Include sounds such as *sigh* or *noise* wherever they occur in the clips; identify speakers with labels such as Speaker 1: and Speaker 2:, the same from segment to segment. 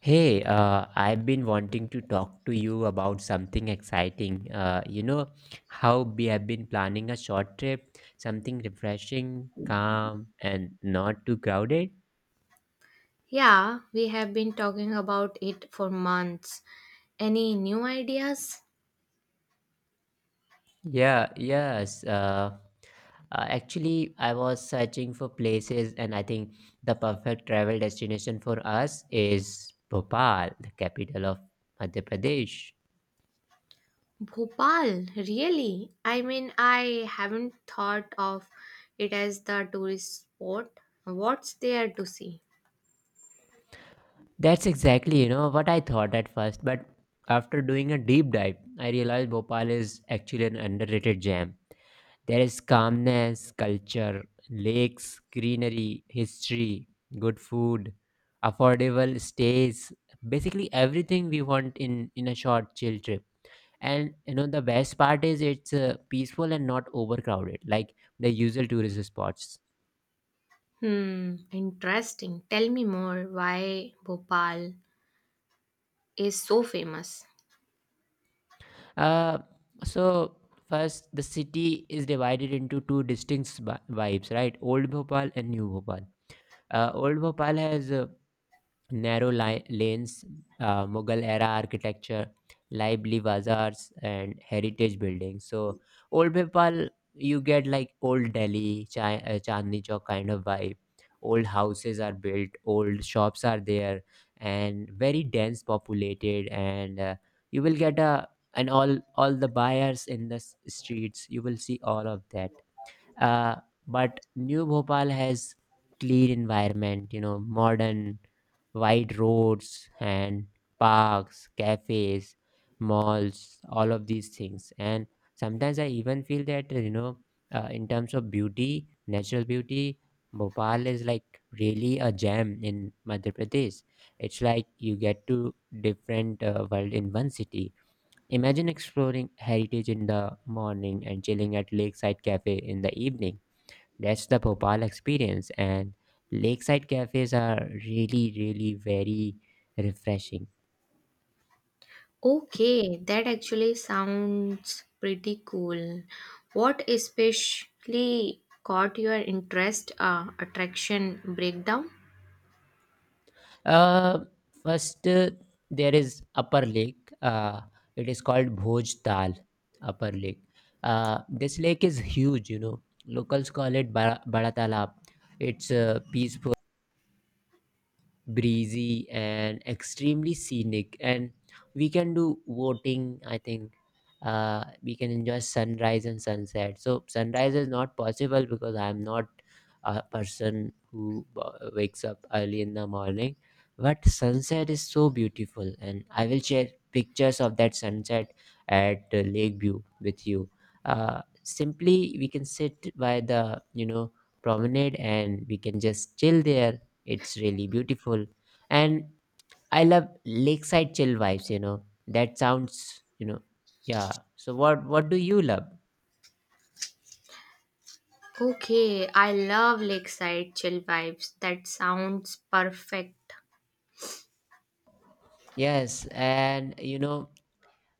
Speaker 1: Hey, I've been wanting to talk to you about something exciting. You know how we have been planning a short trip, something refreshing, calm, and not too crowded?
Speaker 2: Yeah, we have been talking about it for months. Any new ideas?
Speaker 1: Yeah, yes. Actually, I was searching for places, and I think the perfect travel destination for us is Bhopal, the capital of Madhya Pradesh.
Speaker 2: Bhopal, really? I mean, I haven't thought of it as the tourist spot. What's there to see?
Speaker 1: That's exactly what I thought at first, but after doing a deep dive, I realized Bhopal is actually an underrated gem. There is calmness, culture, lakes, greenery, history, good food, affordable stays, basically everything we want in a short chill trip. And you know the best part is it's peaceful and not overcrowded like the usual tourist spots.
Speaker 2: Hmm, interesting. Tell me more why Bhopal is so famous.
Speaker 1: Uh, so first, the city is divided into two distinct vibes, right? Old Bhopal and New Bhopal. Old Bhopal has narrow lanes, Mughal era architecture, lively bazaars, and heritage buildings. So, Old Bhopal, you get like Old Delhi, Chandni Chowk kind of vibe. Old houses are built, old shops are there, and very dense populated. And you will get a and all the buyers in the streets. You will see all of that. uh, but New Bhopal has clean environment, modern, wide roads and parks, cafes, malls, all of these things. And sometimes I even feel that, in terms of beauty, natural beauty, Bhopal is like really a gem in Madhya Pradesh. It's like you get to different world in one city. Imagine exploring heritage in the morning and chilling at lakeside cafe in the evening. That's the Bhopal experience, and lakeside cafes are really, really very refreshing.
Speaker 2: Okay, that actually sounds pretty cool. What especially caught your interest? Attraction breakdown?
Speaker 1: Uh, first, there is Upper Lake. It is called Bhoj Tal, Upper Lake. This lake is huge. Locals call it Bada Talab. It's peaceful, breezy, and extremely scenic, and we can do boating, I think. We can enjoy sunrise and sunset. So sunrise is not possible because I'm not a person who wakes up early in the morning, but sunset is so beautiful, and I will share pictures of that sunset at lakeview with you. Simply, we can sit by the promenade, and we can just chill there. It's really beautiful. And I love lakeside chill vibes. That sounds, yeah. So what do you love?
Speaker 2: Okay, I love lakeside chill vibes. That sounds perfect.
Speaker 1: Yes, and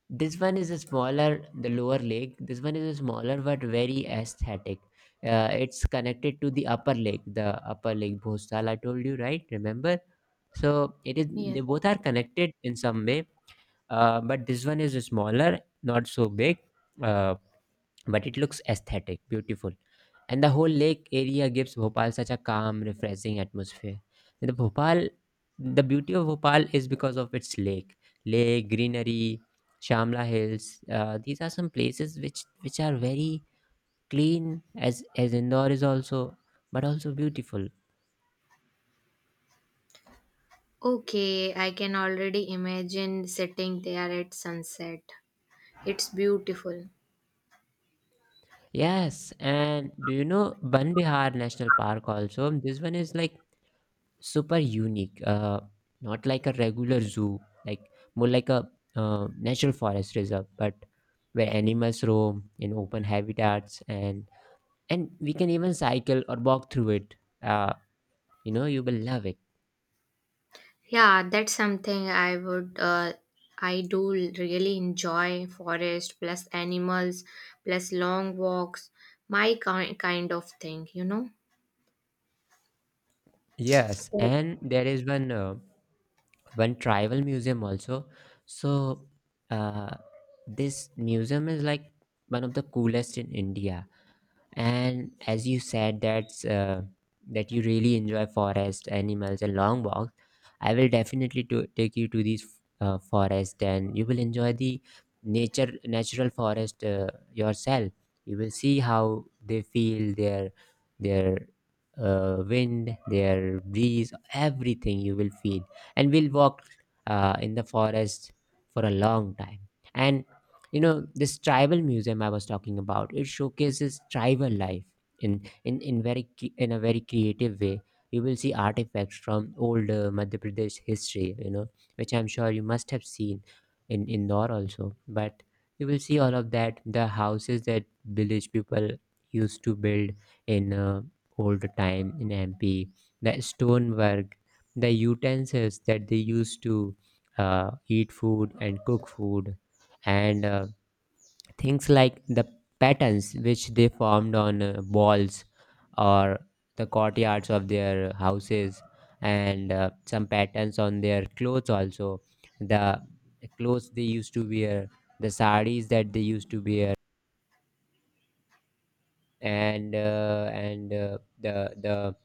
Speaker 1: this one is a smaller, the lower lake. This one is a smaller but very aesthetic. It's connected to the upper lake Bhostal I told you, right? Remember? So it is. They
Speaker 2: Yes.
Speaker 1: both are connected in some way. But this one is smaller, not so big. Uh, but it looks aesthetic, beautiful, and the whole lake area gives Bhopal such a calm, refreshing atmosphere. The Bhopal, the beauty of Bhopal is because of its lake, lake greenery, Shamla Hills. These are some places which are very clean, as Indore is also, but also beautiful.
Speaker 2: Okay, I can already imagine sitting there at sunset. It's beautiful.
Speaker 1: Yes, and do you know Ban Bihar National Park also? This one is like super unique, not like a regular zoo, like more like a natural forest reserve, but where animals roam in open habitats, and we can even cycle or walk through it. uh, you know you will love it.
Speaker 2: Yeah, that's something I would I do really enjoy forest plus animals plus long walks, my kind of thing.
Speaker 1: Yes, and there is one tribal museum also. So uh, this museum is like one of the coolest in India, and as you said that you really enjoy forest animals and long walks. I will definitely to take you to these forest, and you will enjoy the nature natural forest, yourself. You will see how they feel their their wind, their breeze, everything you will feel, and we'll walk in the forest for a long time. And you know this tribal museum I was talking about, it showcases tribal life in in a very creative way. You will see artifacts from old Madhya Pradesh history, which I'm sure you must have seen in Indore also. But you will see all of that, the houses that village people used to build in old time in MP, the stonework, the utensils that they used to uh, eat food and cook food, and things like the patterns which they formed on walls or the courtyards of their houses, and some patterns on their clothes also. The clothes they used to wear, the saris that they used to wear and uh, and uh, the the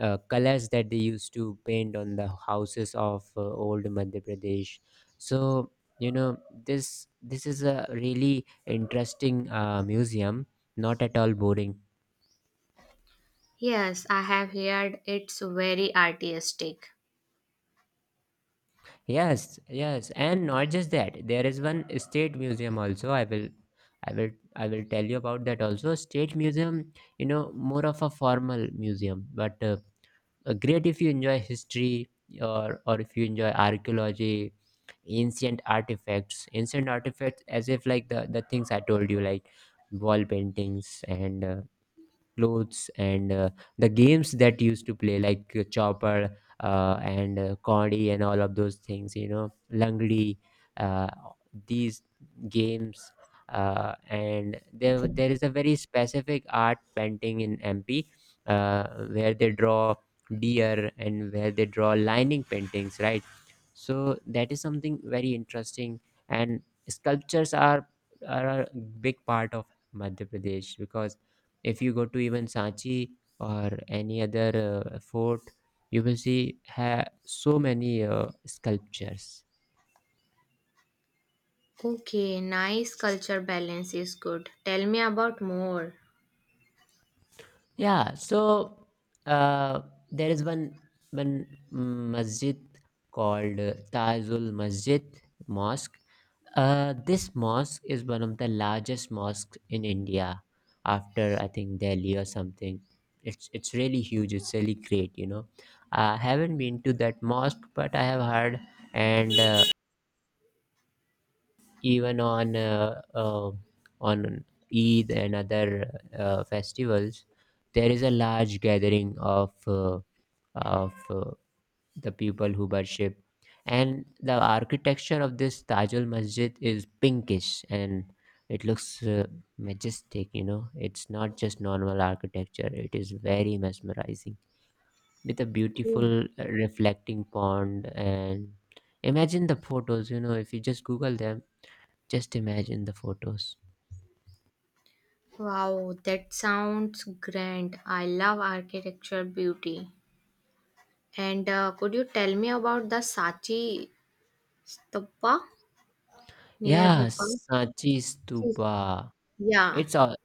Speaker 1: uh, colors that they used to paint on the houses of old Madhya Pradesh. So, you know, this is a really interesting museum, not at all boring.
Speaker 2: Yes, I have heard it's very artistic.
Speaker 1: Yes, yes, and not just that. There is one state museum also. I will tell you about that also. State museum, more of a formal museum, but. Great if you enjoy history, or if you enjoy archaeology, ancient artifacts, as if like the things I told you, like wall paintings and clothes, and the games that used to play, like chopper, and Condy, and all of those things, langdi. uh, these games. And there is a very specific art painting in MP, uh, where they draw deer and where they draw lining paintings, right? So that is something very interesting, and sculptures are a big part of Madhya Pradesh, because if you go to even Sanchi or any other fort, you will see so many sculptures.
Speaker 2: Okay, nice culture balance is good. Tell me about more.
Speaker 1: Yeah, so uh, there is one masjid called Tajul Masjid Mosque. This mosque is one of the largest mosques in India, after I think Delhi or something. It's really huge. It's really great. You know, I haven't been to that mosque, but I have heard, and even on Eid and other festivals, there is a large gathering of of uh, the people who worship, and the architecture of this Tajul Masjid is pinkish, and it looks majestic. You know, it's not just normal architecture; it is very mesmerizing, with a
Speaker 2: Oh.
Speaker 1: beautiful reflecting pond. And imagine the photos, if you just Google them. Just imagine the photos.
Speaker 2: Wow, that sounds grand. I love architecture beauty. And could you tell me about the Sachi Stupa near
Speaker 1: Yeah,
Speaker 2: Bhopal?
Speaker 1: Sanchi Stupa.
Speaker 2: Yeah.
Speaker 1: It's all.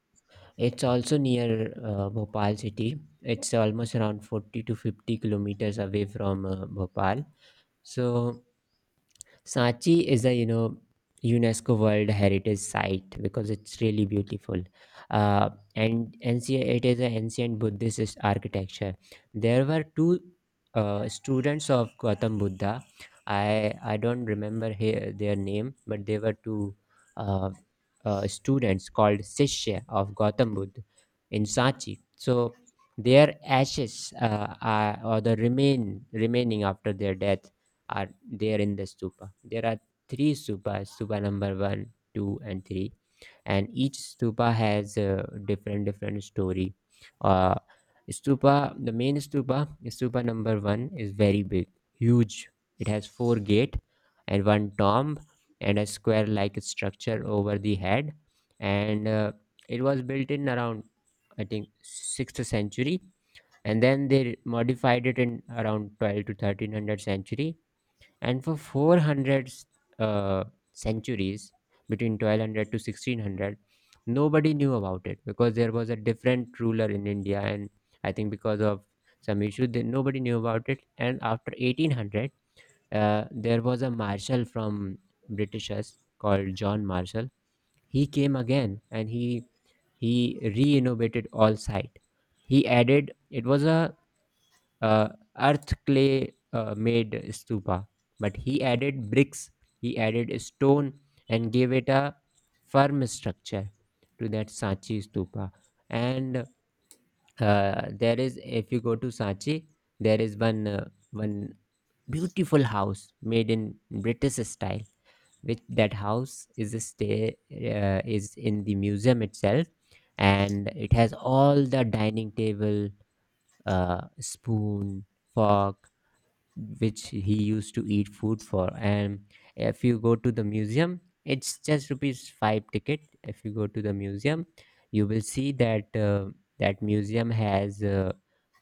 Speaker 1: It's also near Bhopal city. It's almost around 40 to 50 kilometers away from Bhopal. So Sanchi is a, UNESCO World Heritage Site, because it's really beautiful, uh, and ancient. It is an ancient Buddhist architecture. There were two students of Gautam Buddha. I don't remember their name, but they were two uh, students called Sishya of Gautam Buddha in Sanchi. So their ashes are, or the remaining after their death, are there in the stupa. There are three stupas: stupa number one, two, and three, and each stupa has a different story. Uh, the main stupa, stupa number one, is very big, huge. It has four gate and one tomb and a square-like structure over the head, and it was built in around, I think, sixth century, and then they modified it in around twelve to thirteen hundred century, and for 400 uh, centuries between 1200 to 1600, nobody knew about it, because there was a different ruler in India, and I think because of some issue, nobody knew about it. And after 1800, there was a marshal from britishers called John Marshall. He came again, and he re-innovated all site. He added, it was a uh, earth clay made stupa, but he added bricks, he added stone, and gave it a firm structure to that Sanchi Stupa. And there is, if you go to Sanchi, there is one beautiful house made in british style, which that house is a stay, is in the museum itself, and it has all the dining table, spoon, fork, which he used to eat food for. And if you go to the museum, it's just 5 rupees ticket. If you go to the museum, you will see that that museum has uh,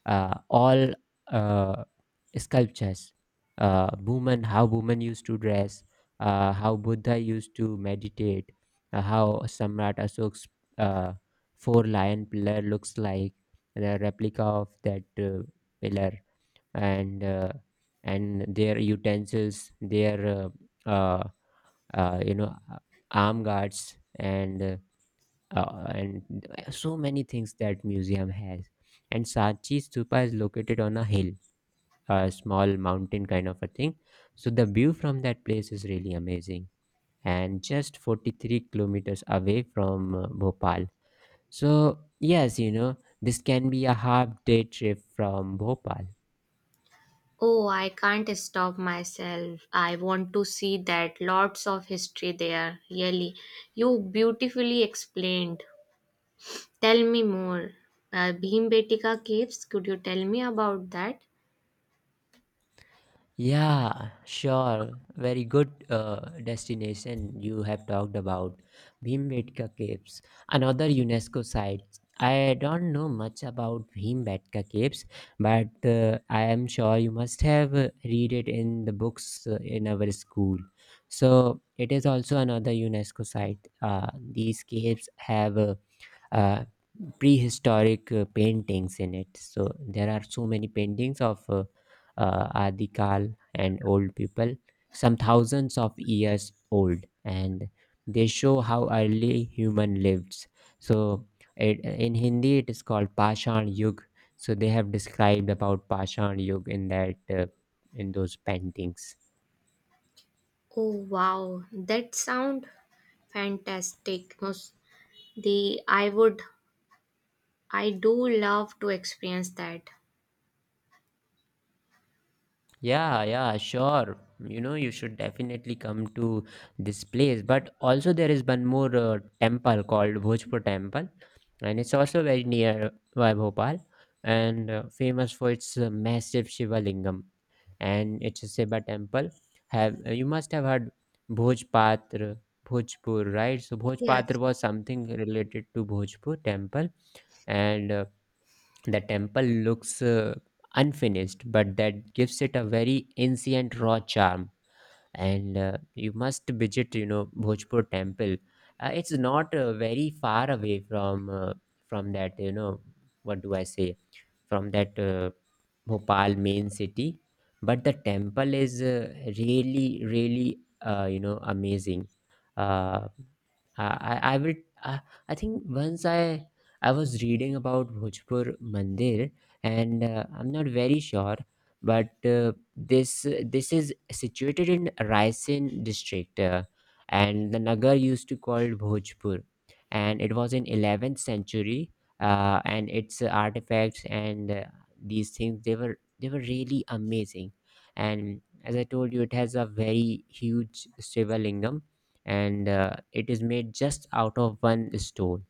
Speaker 1: uh, all uh, sculptures. Women, how women used to dress, how Buddha used to meditate, how Samrat Ashok's uh, four lion pillar looks like, the replica of that pillar, and their utensils, their uh, uh, uh, you know uh, arm guards, and so many things that museum has. And Sachi Stupa is located on a hill, a small mountain kind of a thing. So the view from that place is really amazing, and just 43 kilometers away from Bhopal. So yes, you know this can be a half day trip from Bhopal.
Speaker 2: Oh, I can't stop myself. I want to see that. Lots of history there, really. You beautifully explained. Tell me more. Bhim Betika caves, could you tell me about that?
Speaker 1: Yeah, sure. Very good destination you have talked about. Bhimbetka Caves, another UNESCO site. I don't know much about Bhimbetka Caves, but I am sure you must have read it in the books in our school. So it is also another UNESCO site. These caves have uh, prehistoric paintings in it. So there are so many paintings of Adikal and old people, some thousands of years old, and they show how early human lived. So it, in Hindi, it is called Pashan Yug. So they have described about Pashan Yug in that in those paintings.
Speaker 2: Oh wow, that sound fantastic. Mos- The I do love to experience that.
Speaker 1: Yeah, yeah, sure. You know, you should definitely come to this place. But also, there is one more temple called Bhojpur Temple, and it's also very near by Bhopal and famous for its massive Shiva Lingam. And it's a Shiva temple. Have you must have heard Bhojpatra, Bhojpur, right? So Bhojpatra
Speaker 2: Yes.
Speaker 1: was something related to Bhojpur temple, and the temple looks unfinished, but that gives it a very ancient, raw charm and you must visit, you know, Bhojpur temple. Uh, it's not very far away from that you know what do I say from that Bhopal main city, but the temple is really really, you know, amazing. uh, I, I I will I, I think once I was reading about Bhojpur Mandir and I'm not very sure, but uh, this is situated in Raisin district, and the Nagar used to called Bhojpur, and it was in 11th century, and its artifacts and uh, these things they were really amazing. And as I told you, it has a very huge Shivalingam, and it is made just out of one stone,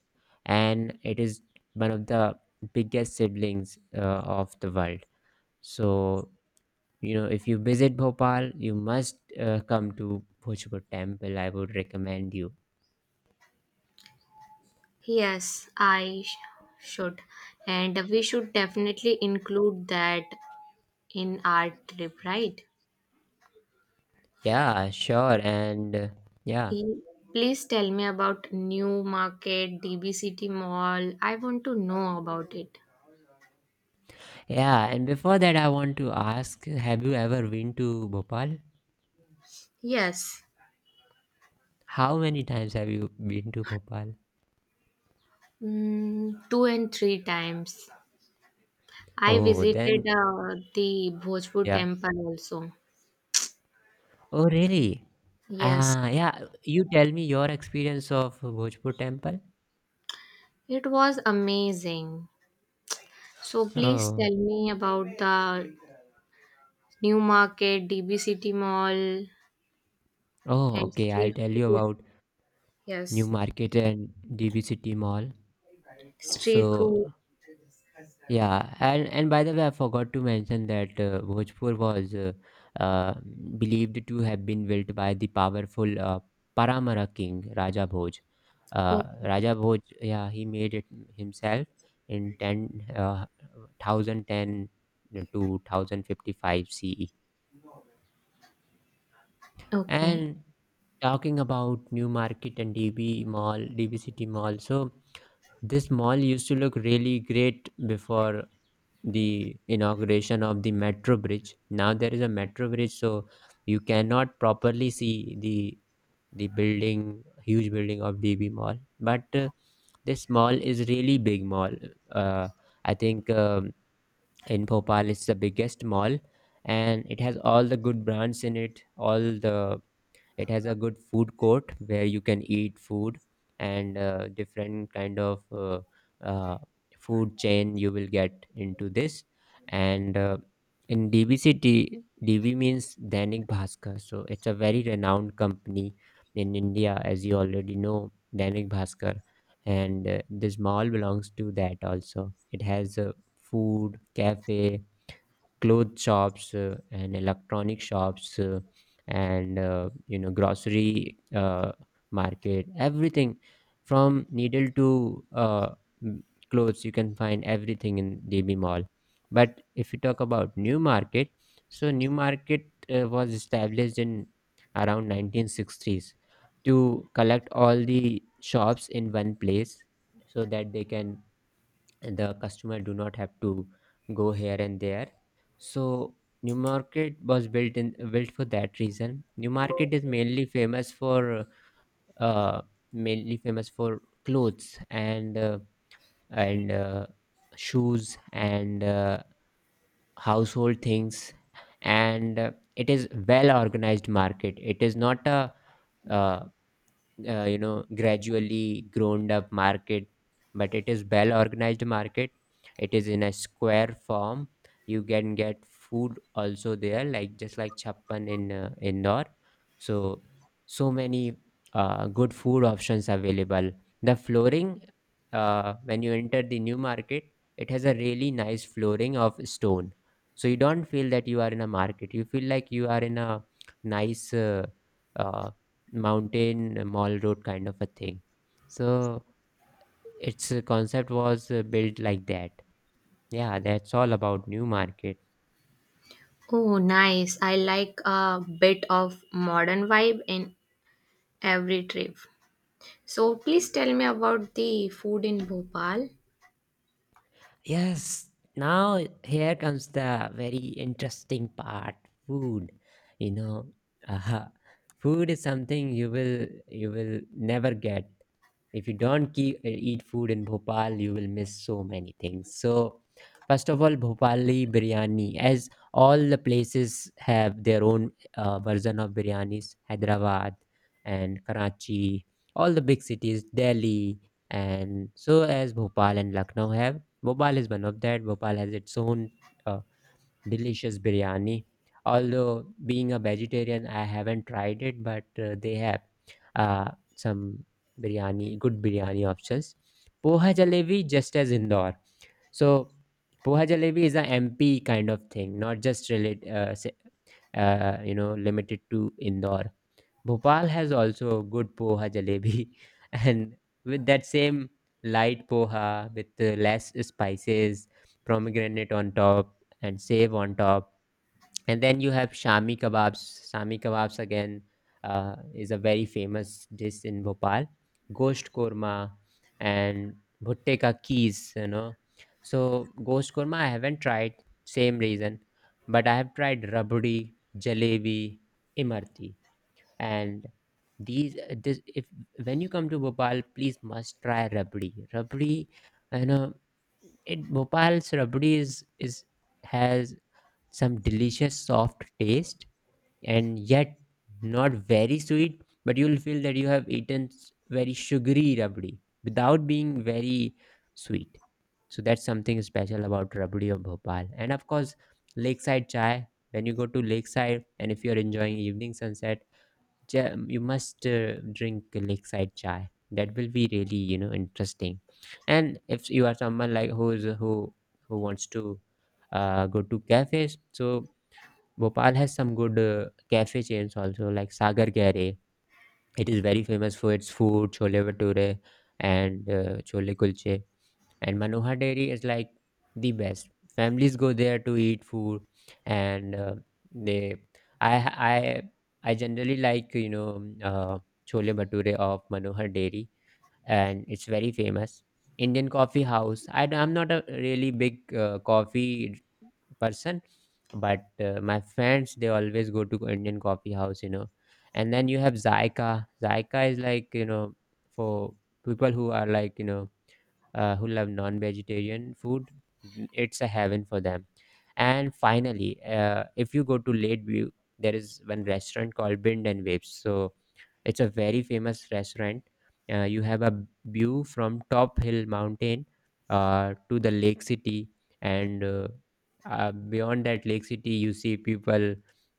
Speaker 1: and it is one of the biggest siblings of the world. So you know, if you visit Bhopal, you must come to Bhojpur temple, I would recommend you.
Speaker 2: Yes, I should. And we should definitely include that in our trip, right?
Speaker 1: Yeah, sure, and yeah.
Speaker 2: E- Please tell me about New Market, DBCT Mall. I want to know about it.
Speaker 1: Yeah, and before that, I want to ask, have you ever been to Bhopal?
Speaker 2: Yes,
Speaker 1: How many times have you been to Bhopal?
Speaker 2: two and three times. I
Speaker 1: Oh
Speaker 2: visited
Speaker 1: then,
Speaker 2: the Bhojpur
Speaker 1: yeah.
Speaker 2: temple also.
Speaker 1: Oh really.
Speaker 2: Yes,
Speaker 1: Ah yeah, you tell me your experience of Bhojpur temple.
Speaker 2: it was amazing. So please
Speaker 1: Oh.
Speaker 2: tell me about the new market, DB City Mall,
Speaker 1: Oh
Speaker 2: and
Speaker 1: okay, I'll
Speaker 2: street
Speaker 1: tell you
Speaker 2: food.
Speaker 1: about New
Speaker 2: Yes,
Speaker 1: Market and DB City Mall.
Speaker 2: street food.
Speaker 1: So yeah, and by the way, I forgot to mention that Bhojpur was uh, believed to have been built by the powerful Paramara king Raja Bhoj.
Speaker 2: Okay,
Speaker 1: Raja Bhoj, yeah, he made it himself in 10, 1010 to 1055 CE.
Speaker 2: okay.
Speaker 1: And talking about New Market and DB Mall, DB City Mall, so this mall used to look really great before the inauguration of the metro bridge. Now there is a metro bridge, so you cannot properly see the building, huge building of DB Mall. But this mall is really big mall. Uh, I think in Bhopal it's the biggest mall, and it has all the good brands in it, all the it has a good food court where you can eat food, and different kind of uh, food chain you will get into this. And in DBCT, DB means Dainik Bhaskar. So it's a very renowned company in India, as you already know, Dainik Bhaskar. And this mall belongs to that also. It has food, cafe, cloth shops and electronic shops, and you know, grocery market, everything from needle to m- clothes. You can find everything in DB Mall. But if you talk about New Market, so New Market was established in around 1960s to collect all the shops in one place, so that they can the customer do not have to go here and there. So New Market was built in built for that reason. New Market is mainly famous for uh clothes and shoes and household things. And it is well organized market, it is not a uh, you know, gradually grown up market, but it is well organized market. It is in a square form. You can get food also there, like just like chappan in Indore. So so many good food options available. The flooring, when you enter the new market, it has a really nice flooring of stone, so you don't feel that you are in a market, you feel like you are in a nice uh, mountain mall road kind of a thing. So its concept was built like that. Yeah, that's all about New Market.
Speaker 2: Oh, nice. I like a bit of modern vibe in every trip. So please tell me about the food in Bhopal.
Speaker 1: Yes, now here comes the very interesting part, food. You know, uh, *laughs* food is something you will never get. If you don't keep, eat food in Bhopal, you will miss so many things. So first of all, Bhopali biryani, as all the places have their own version of biryanis, Hyderabad and Karachi, all the big cities, Delhi, and so as Bhopal and Lucknow have. Bhopal is one of that. Bhopal has its own uh, delicious biryani. Although being a vegetarian, I haven't tried it, but they have uh, some biryani, good biryani options. Poha jalebi, just as Indore. So poha jalebi is a MP kind of thing, not just you know, limited to Indore. Bhopal has also good poha jalebi, *laughs* and with that same light poha with less spices, pomegranate on top, and save on top. And then you have shami kebabs. Shami kebabs again is a very famous dish in Bhopal. Ghost korma and bhutte ka keez, you know. So ghost korma I haven't tried, same reason, but I have tried rabdi, jalebi, imarti and these this if when you come to Bhopal, please must try rabdi. Rabdi, you know, it Bhopal's rabdi is has some delicious soft taste and yet not very sweet, but you'll feel that you have eaten very sugary rabdi without being very sweet. So that's something special about rabdi of Bhopal, and of course, lakeside chai. When you go to lakeside, and if you're enjoying evening sunset, you must drink lakeside chai. That will be really, you know, interesting. And if you are someone like who wants to go to cafes, so Bhopal has some good cafe chains also, like Sagar Gare. It is very famous for its food, chole bhature and chole kulche. And Manohar Dairy is like the best. Families go there to eat food, and they I I I generally like, you know, uh, chole bhature of Manohar Dairy, and it's very famous. Indian coffee house. I am not a really big coffee person, but my friends they always go to Indian coffee house, you know. And then you have Zyka. Zyka is like, you know, for people who are like, you know, who love non-vegetarian food. It's a heaven for them. And finally if you go to Lakeview, there is one restaurant called Bind and Waves. So it's a very famous restaurant. You have a view from Top Hill Mountain to the Lake City, and beyond that Lake City, you see people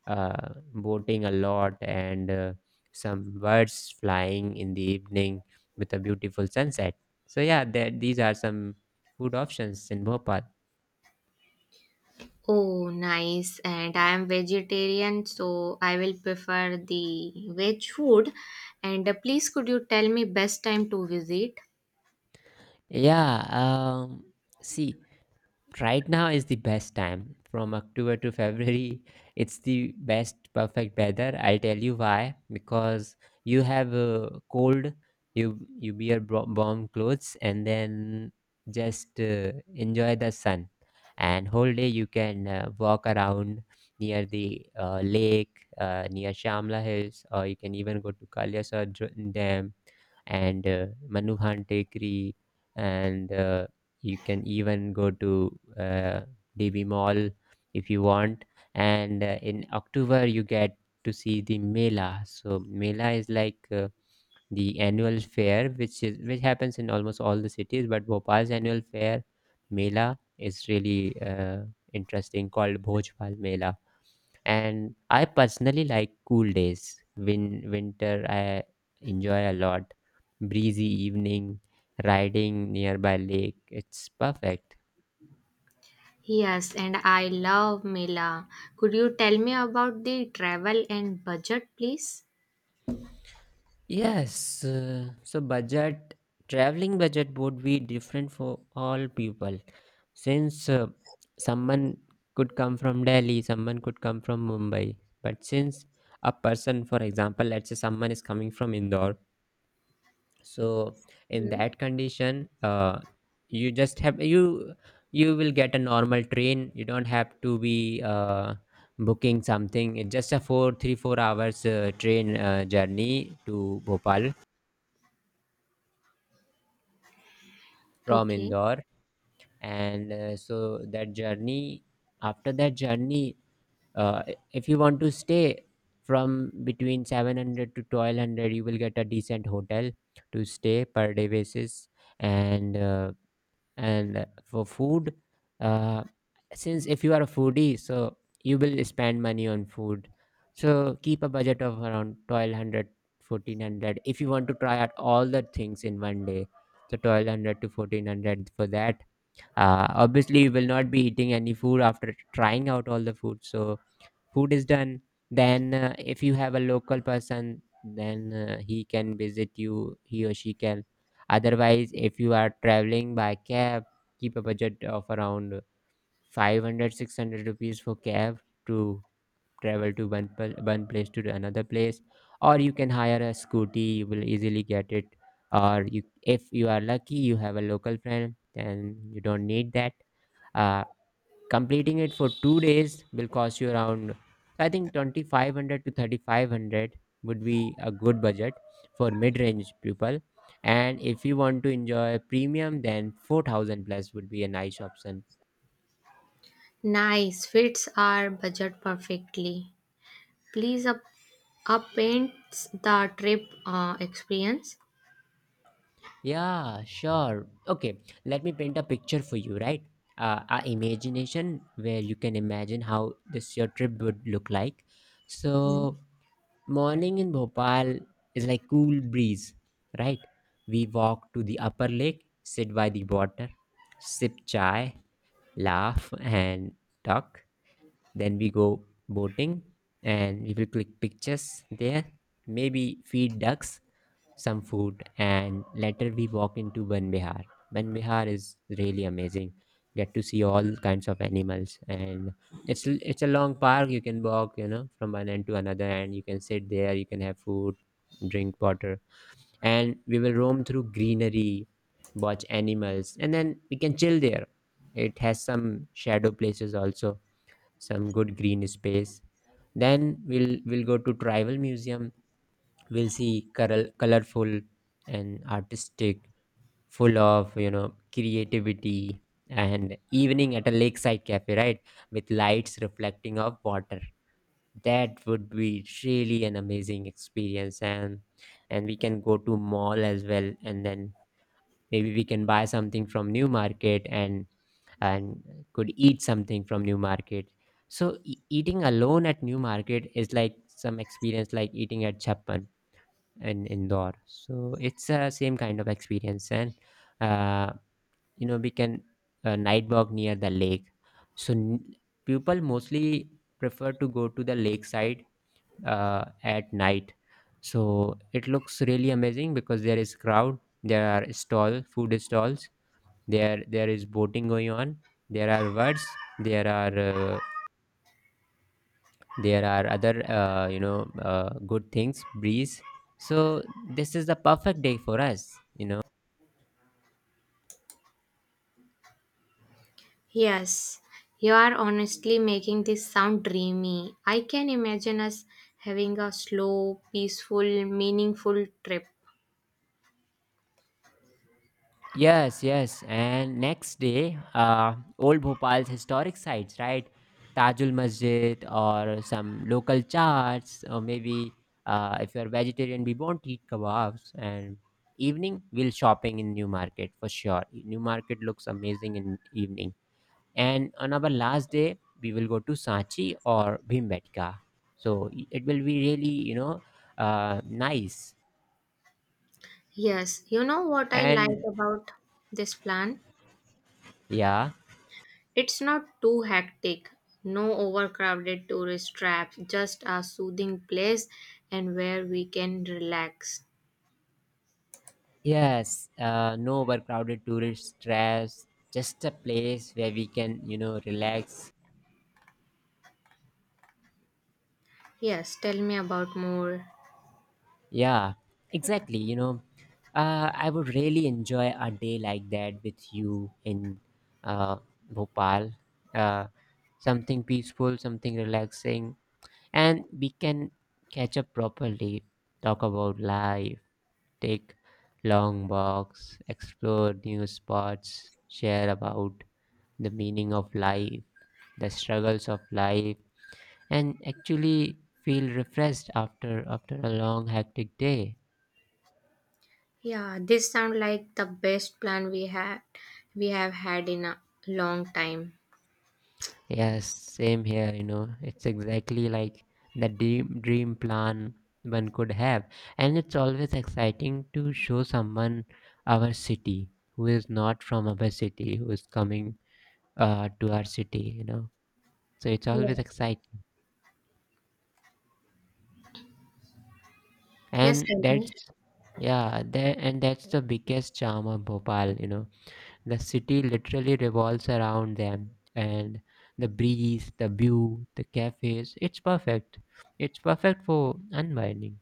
Speaker 1: boating a lot, and some birds flying in the evening with a beautiful sunset. So yeah, there, these are some food options in Bhopal.
Speaker 2: Oh, nice. And I am vegetarian, so I will prefer the veg food. And please, could you tell me best time to visit?
Speaker 1: Yeah, see, right now is the best time, from October to February. It's the best perfect weather. I'll tell you why, because you have a cold, you wear warm clothes, and then just enjoy the sun, and whole day you can walk around near the lake, near Shamla Hills, or you can even go to Kalyasar Dam and Manuhan Tekri, and you can even go to DB Mall if you want. And in October you get to see the mela. So mela is like the annual fair which is which happens in almost all the cities, but Bhopal's annual fair mela is really interesting, called Bhojpal Mela. And I personally like cool days. Winter I enjoy a lot. Breezy evening, riding nearby lake. It's perfect.
Speaker 2: Yes, and I love Mela. Could you tell me about the travel and budget, please?
Speaker 1: Yes, so budget traveling budget would be different for all people since someone could come from Delhi, someone could come from Mumbai, but since a person, for example, let's say someone is coming from Indore, so in
Speaker 2: Hmm.
Speaker 1: that condition you just have you you will get a normal train. You don't have to be booking something. It's just a 4 3 4 hours train journey to Bhopal from
Speaker 2: Okay.
Speaker 1: Indore. And so that journey after that journey uh, if you want to stay from between 700 to 1200 you will get a decent hotel to stay per day basis. And uh, and for food, uh, since if you are a foodie, so you will spend money on food, so keep a budget of around 1,200, 1,400 if you want to try out all the things in one day. So 1200 to 1400 for that. Obviously you will not be eating any food after trying out all the food, so food is done. Then if you have a local person, then he can visit you, he or she can. Otherwise, if you are traveling by cab, keep a budget of around 500, 600 rupees for cab to travel to one place to the another place. Or you can hire a scooty, you will easily get it. Or you, if you are lucky, you have a local friend, then you don't need that. uh, Completing it for 2 days will cost you around, I think, 2500 to 3500 would be a good budget for mid range people. And if you want to enjoy premium, then 4000 plus would be a nice option.
Speaker 2: Nice. Fits our budget perfectly. Please up paints the trip experience.
Speaker 1: Yeah, sure. Okay, let me paint a picture for you, right? A imagination where you can imagine how this your trip would look like. So morning in Bhopal is like cool breeze, right? We walk to the upper lake, sit by the water, sip chai, laugh and talk. Then we go boating and we will click pictures there. Maybe feed ducks some food, and later we walked into Ban Bihar. Ban Bihar is really amazing. Get to see all kinds of animals, and it's a long park. You can walk, you know, from one end to another, and you can sit there. You can have food, drink water, and we will roam through greenery, watch animals, and then we can chill there. It has some shadow places also, some good green space. Then we'll go to Tribal Museum. We'll see colorful and artistic, full of creativity, and evening at a lakeside cafe, right, with lights reflecting off water. That would be really an amazing experience, and we can go to mall as well, and then maybe we can buy something from New Market, and could eat something from New Market. So eating alone at New Market is like some experience like eating at Chapman in Indore. So it's a same kind of experience. And uh, we can night walk near the lake. So people mostly prefer to go to the lakeside at night. So it looks really amazing because there is crowd, there are stall food stalls, there is boating going on, there are birds, there are uh, there are other good things, breeze. So this is the perfect day for us.
Speaker 2: Yes, you are honestly making this sound dreamy. I can imagine us having a slow, peaceful, meaningful trip.
Speaker 1: Yes, yes. And next day, old Bhopal's historic sites, right? Tajul Masjid or some local charts, or maybe if you're vegetarian we won't eat kebabs. And evening we'll shopping in New Market for sure. New Market looks amazing in evening. And on our last day we will go to Sanchi or Bhimbetka. So it will be really nice.
Speaker 2: Yes, you know what I like
Speaker 1: And
Speaker 2: about this plan?
Speaker 1: Yeah.
Speaker 2: It's not too hectic, no overcrowded tourist traps, just a soothing place and where we can relax.
Speaker 1: Yes, no overcrowded tourist stress, just a place where we can relax.
Speaker 2: Yes, tell me about more.
Speaker 1: Yeah, exactly, I would really enjoy a day like that with you in uh, Bhopal. uh, something peaceful, something relaxing. And we can catch up properly, talk about life, take long walks, explore new spots, share about the meaning of life, the struggles of life, and actually feel refreshed after a long hectic day.
Speaker 2: Yeah, this sounds like the best plan we have had in a long time.
Speaker 1: Yes, same here, you know. It's exactly like the dream plan one could have. And it's always exciting to show someone our city who is not from our city, who is coming to our city, you know. So it's always
Speaker 2: Yes.
Speaker 1: exciting.
Speaker 2: Yes,
Speaker 1: And
Speaker 2: tell me.
Speaker 1: that's Yeah, there and that's the biggest charm of Bhopal, you know. The city literally revolves around them, and the breeze, the view, the cafes, it's perfect. It's perfect for unwinding.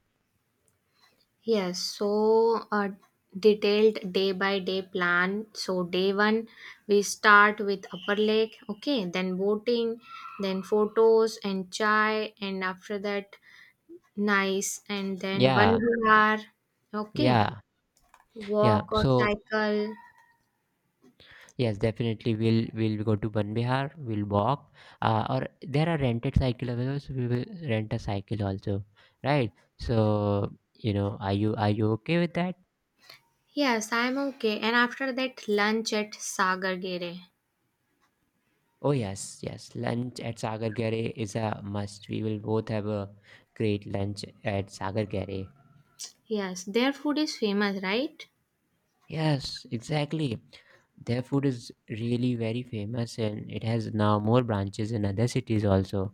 Speaker 2: Yes, so a detailed day by day plan. So, day one, we start with upper lake, okay, then boating, then photos and chai, and after that, nice, and then one
Speaker 1: Yeah,
Speaker 2: hour, okay,
Speaker 1: yeah, yeah.
Speaker 2: walk or
Speaker 1: So
Speaker 2: cycle.
Speaker 1: yes, definitely we'll go to Ban Bihar. We'll walk. Or there are rented cycle available, so we will rent a cycle also, right? So are you okay with that?
Speaker 2: Yes, I'm okay. And after that, lunch at Sagar Gere.
Speaker 1: Oh yes, yes. Lunch at Sagar Gare is a must. We will both have a great lunch at Sagar Gare.
Speaker 2: Yes, their food is famous, right?
Speaker 1: Yes, exactly. Their food is really very famous and it has now more branches in other cities also.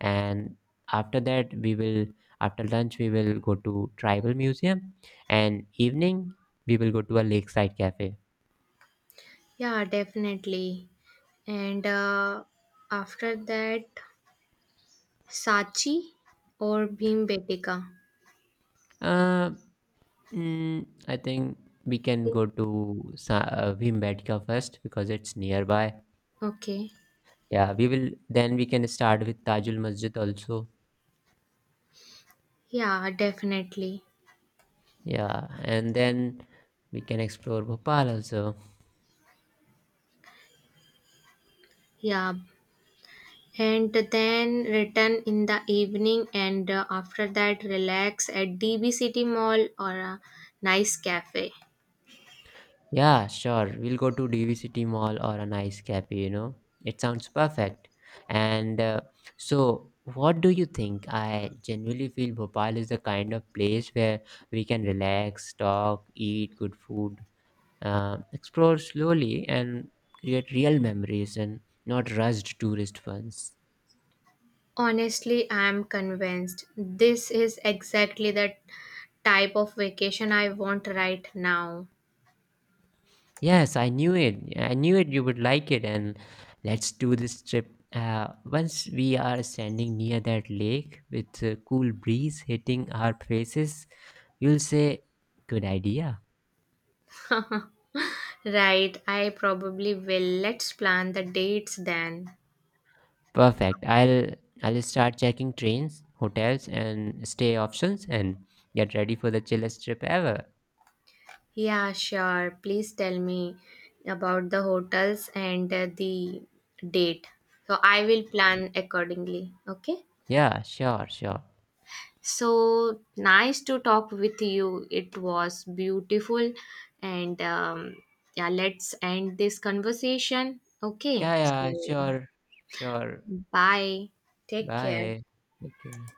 Speaker 1: And after that, we will, after lunch, we will go to Tribal Museum. And evening, we will go to a lakeside cafe.
Speaker 2: Yeah, definitely. And after that, Sachi or Bhimbetka?
Speaker 1: Uh, mm, I think we can
Speaker 2: In-
Speaker 1: go to Bhimbetka first because it's nearby.
Speaker 2: Okay.
Speaker 1: Yeah, we will, then we can start with Tajul Masjid also.
Speaker 2: Yeah, definitely.
Speaker 1: Yeah, and then we can explore Bhopal also.
Speaker 2: Yeah. And then return in the evening and after that relax at DB City Mall or a nice cafe.
Speaker 1: Yeah, sure. We'll go to DVCT Mall or a nice cafe, you know. It sounds perfect. And so, what do you think? I genuinely feel Bhopal is the kind of place where we can relax, talk, eat good food, explore slowly, and create real memories and not rushed tourist ones.
Speaker 2: Honestly, I am convinced this is exactly the type of vacation I want right now.
Speaker 1: Yes, I knew it. I knew it you would like it. And let's do this trip. Once we are standing near that lake with a cool breeze hitting our faces, you'll say, "Good idea."
Speaker 2: Right, I probably will. Let's plan the dates then.
Speaker 1: Perfect. I'll start checking trains, hotels, and stay options, and get ready for the chillest trip ever.
Speaker 2: Yeah, sure. Please tell me about the hotels and the date. So I will plan accordingly. Okay.
Speaker 1: Yeah, sure, sure.
Speaker 2: So nice to talk with you. It was beautiful. And yeah, let's end this conversation. Okay.
Speaker 1: Yeah, yeah,
Speaker 2: So
Speaker 1: sure, sure.
Speaker 2: bye. Take care.
Speaker 1: Bye. Okay.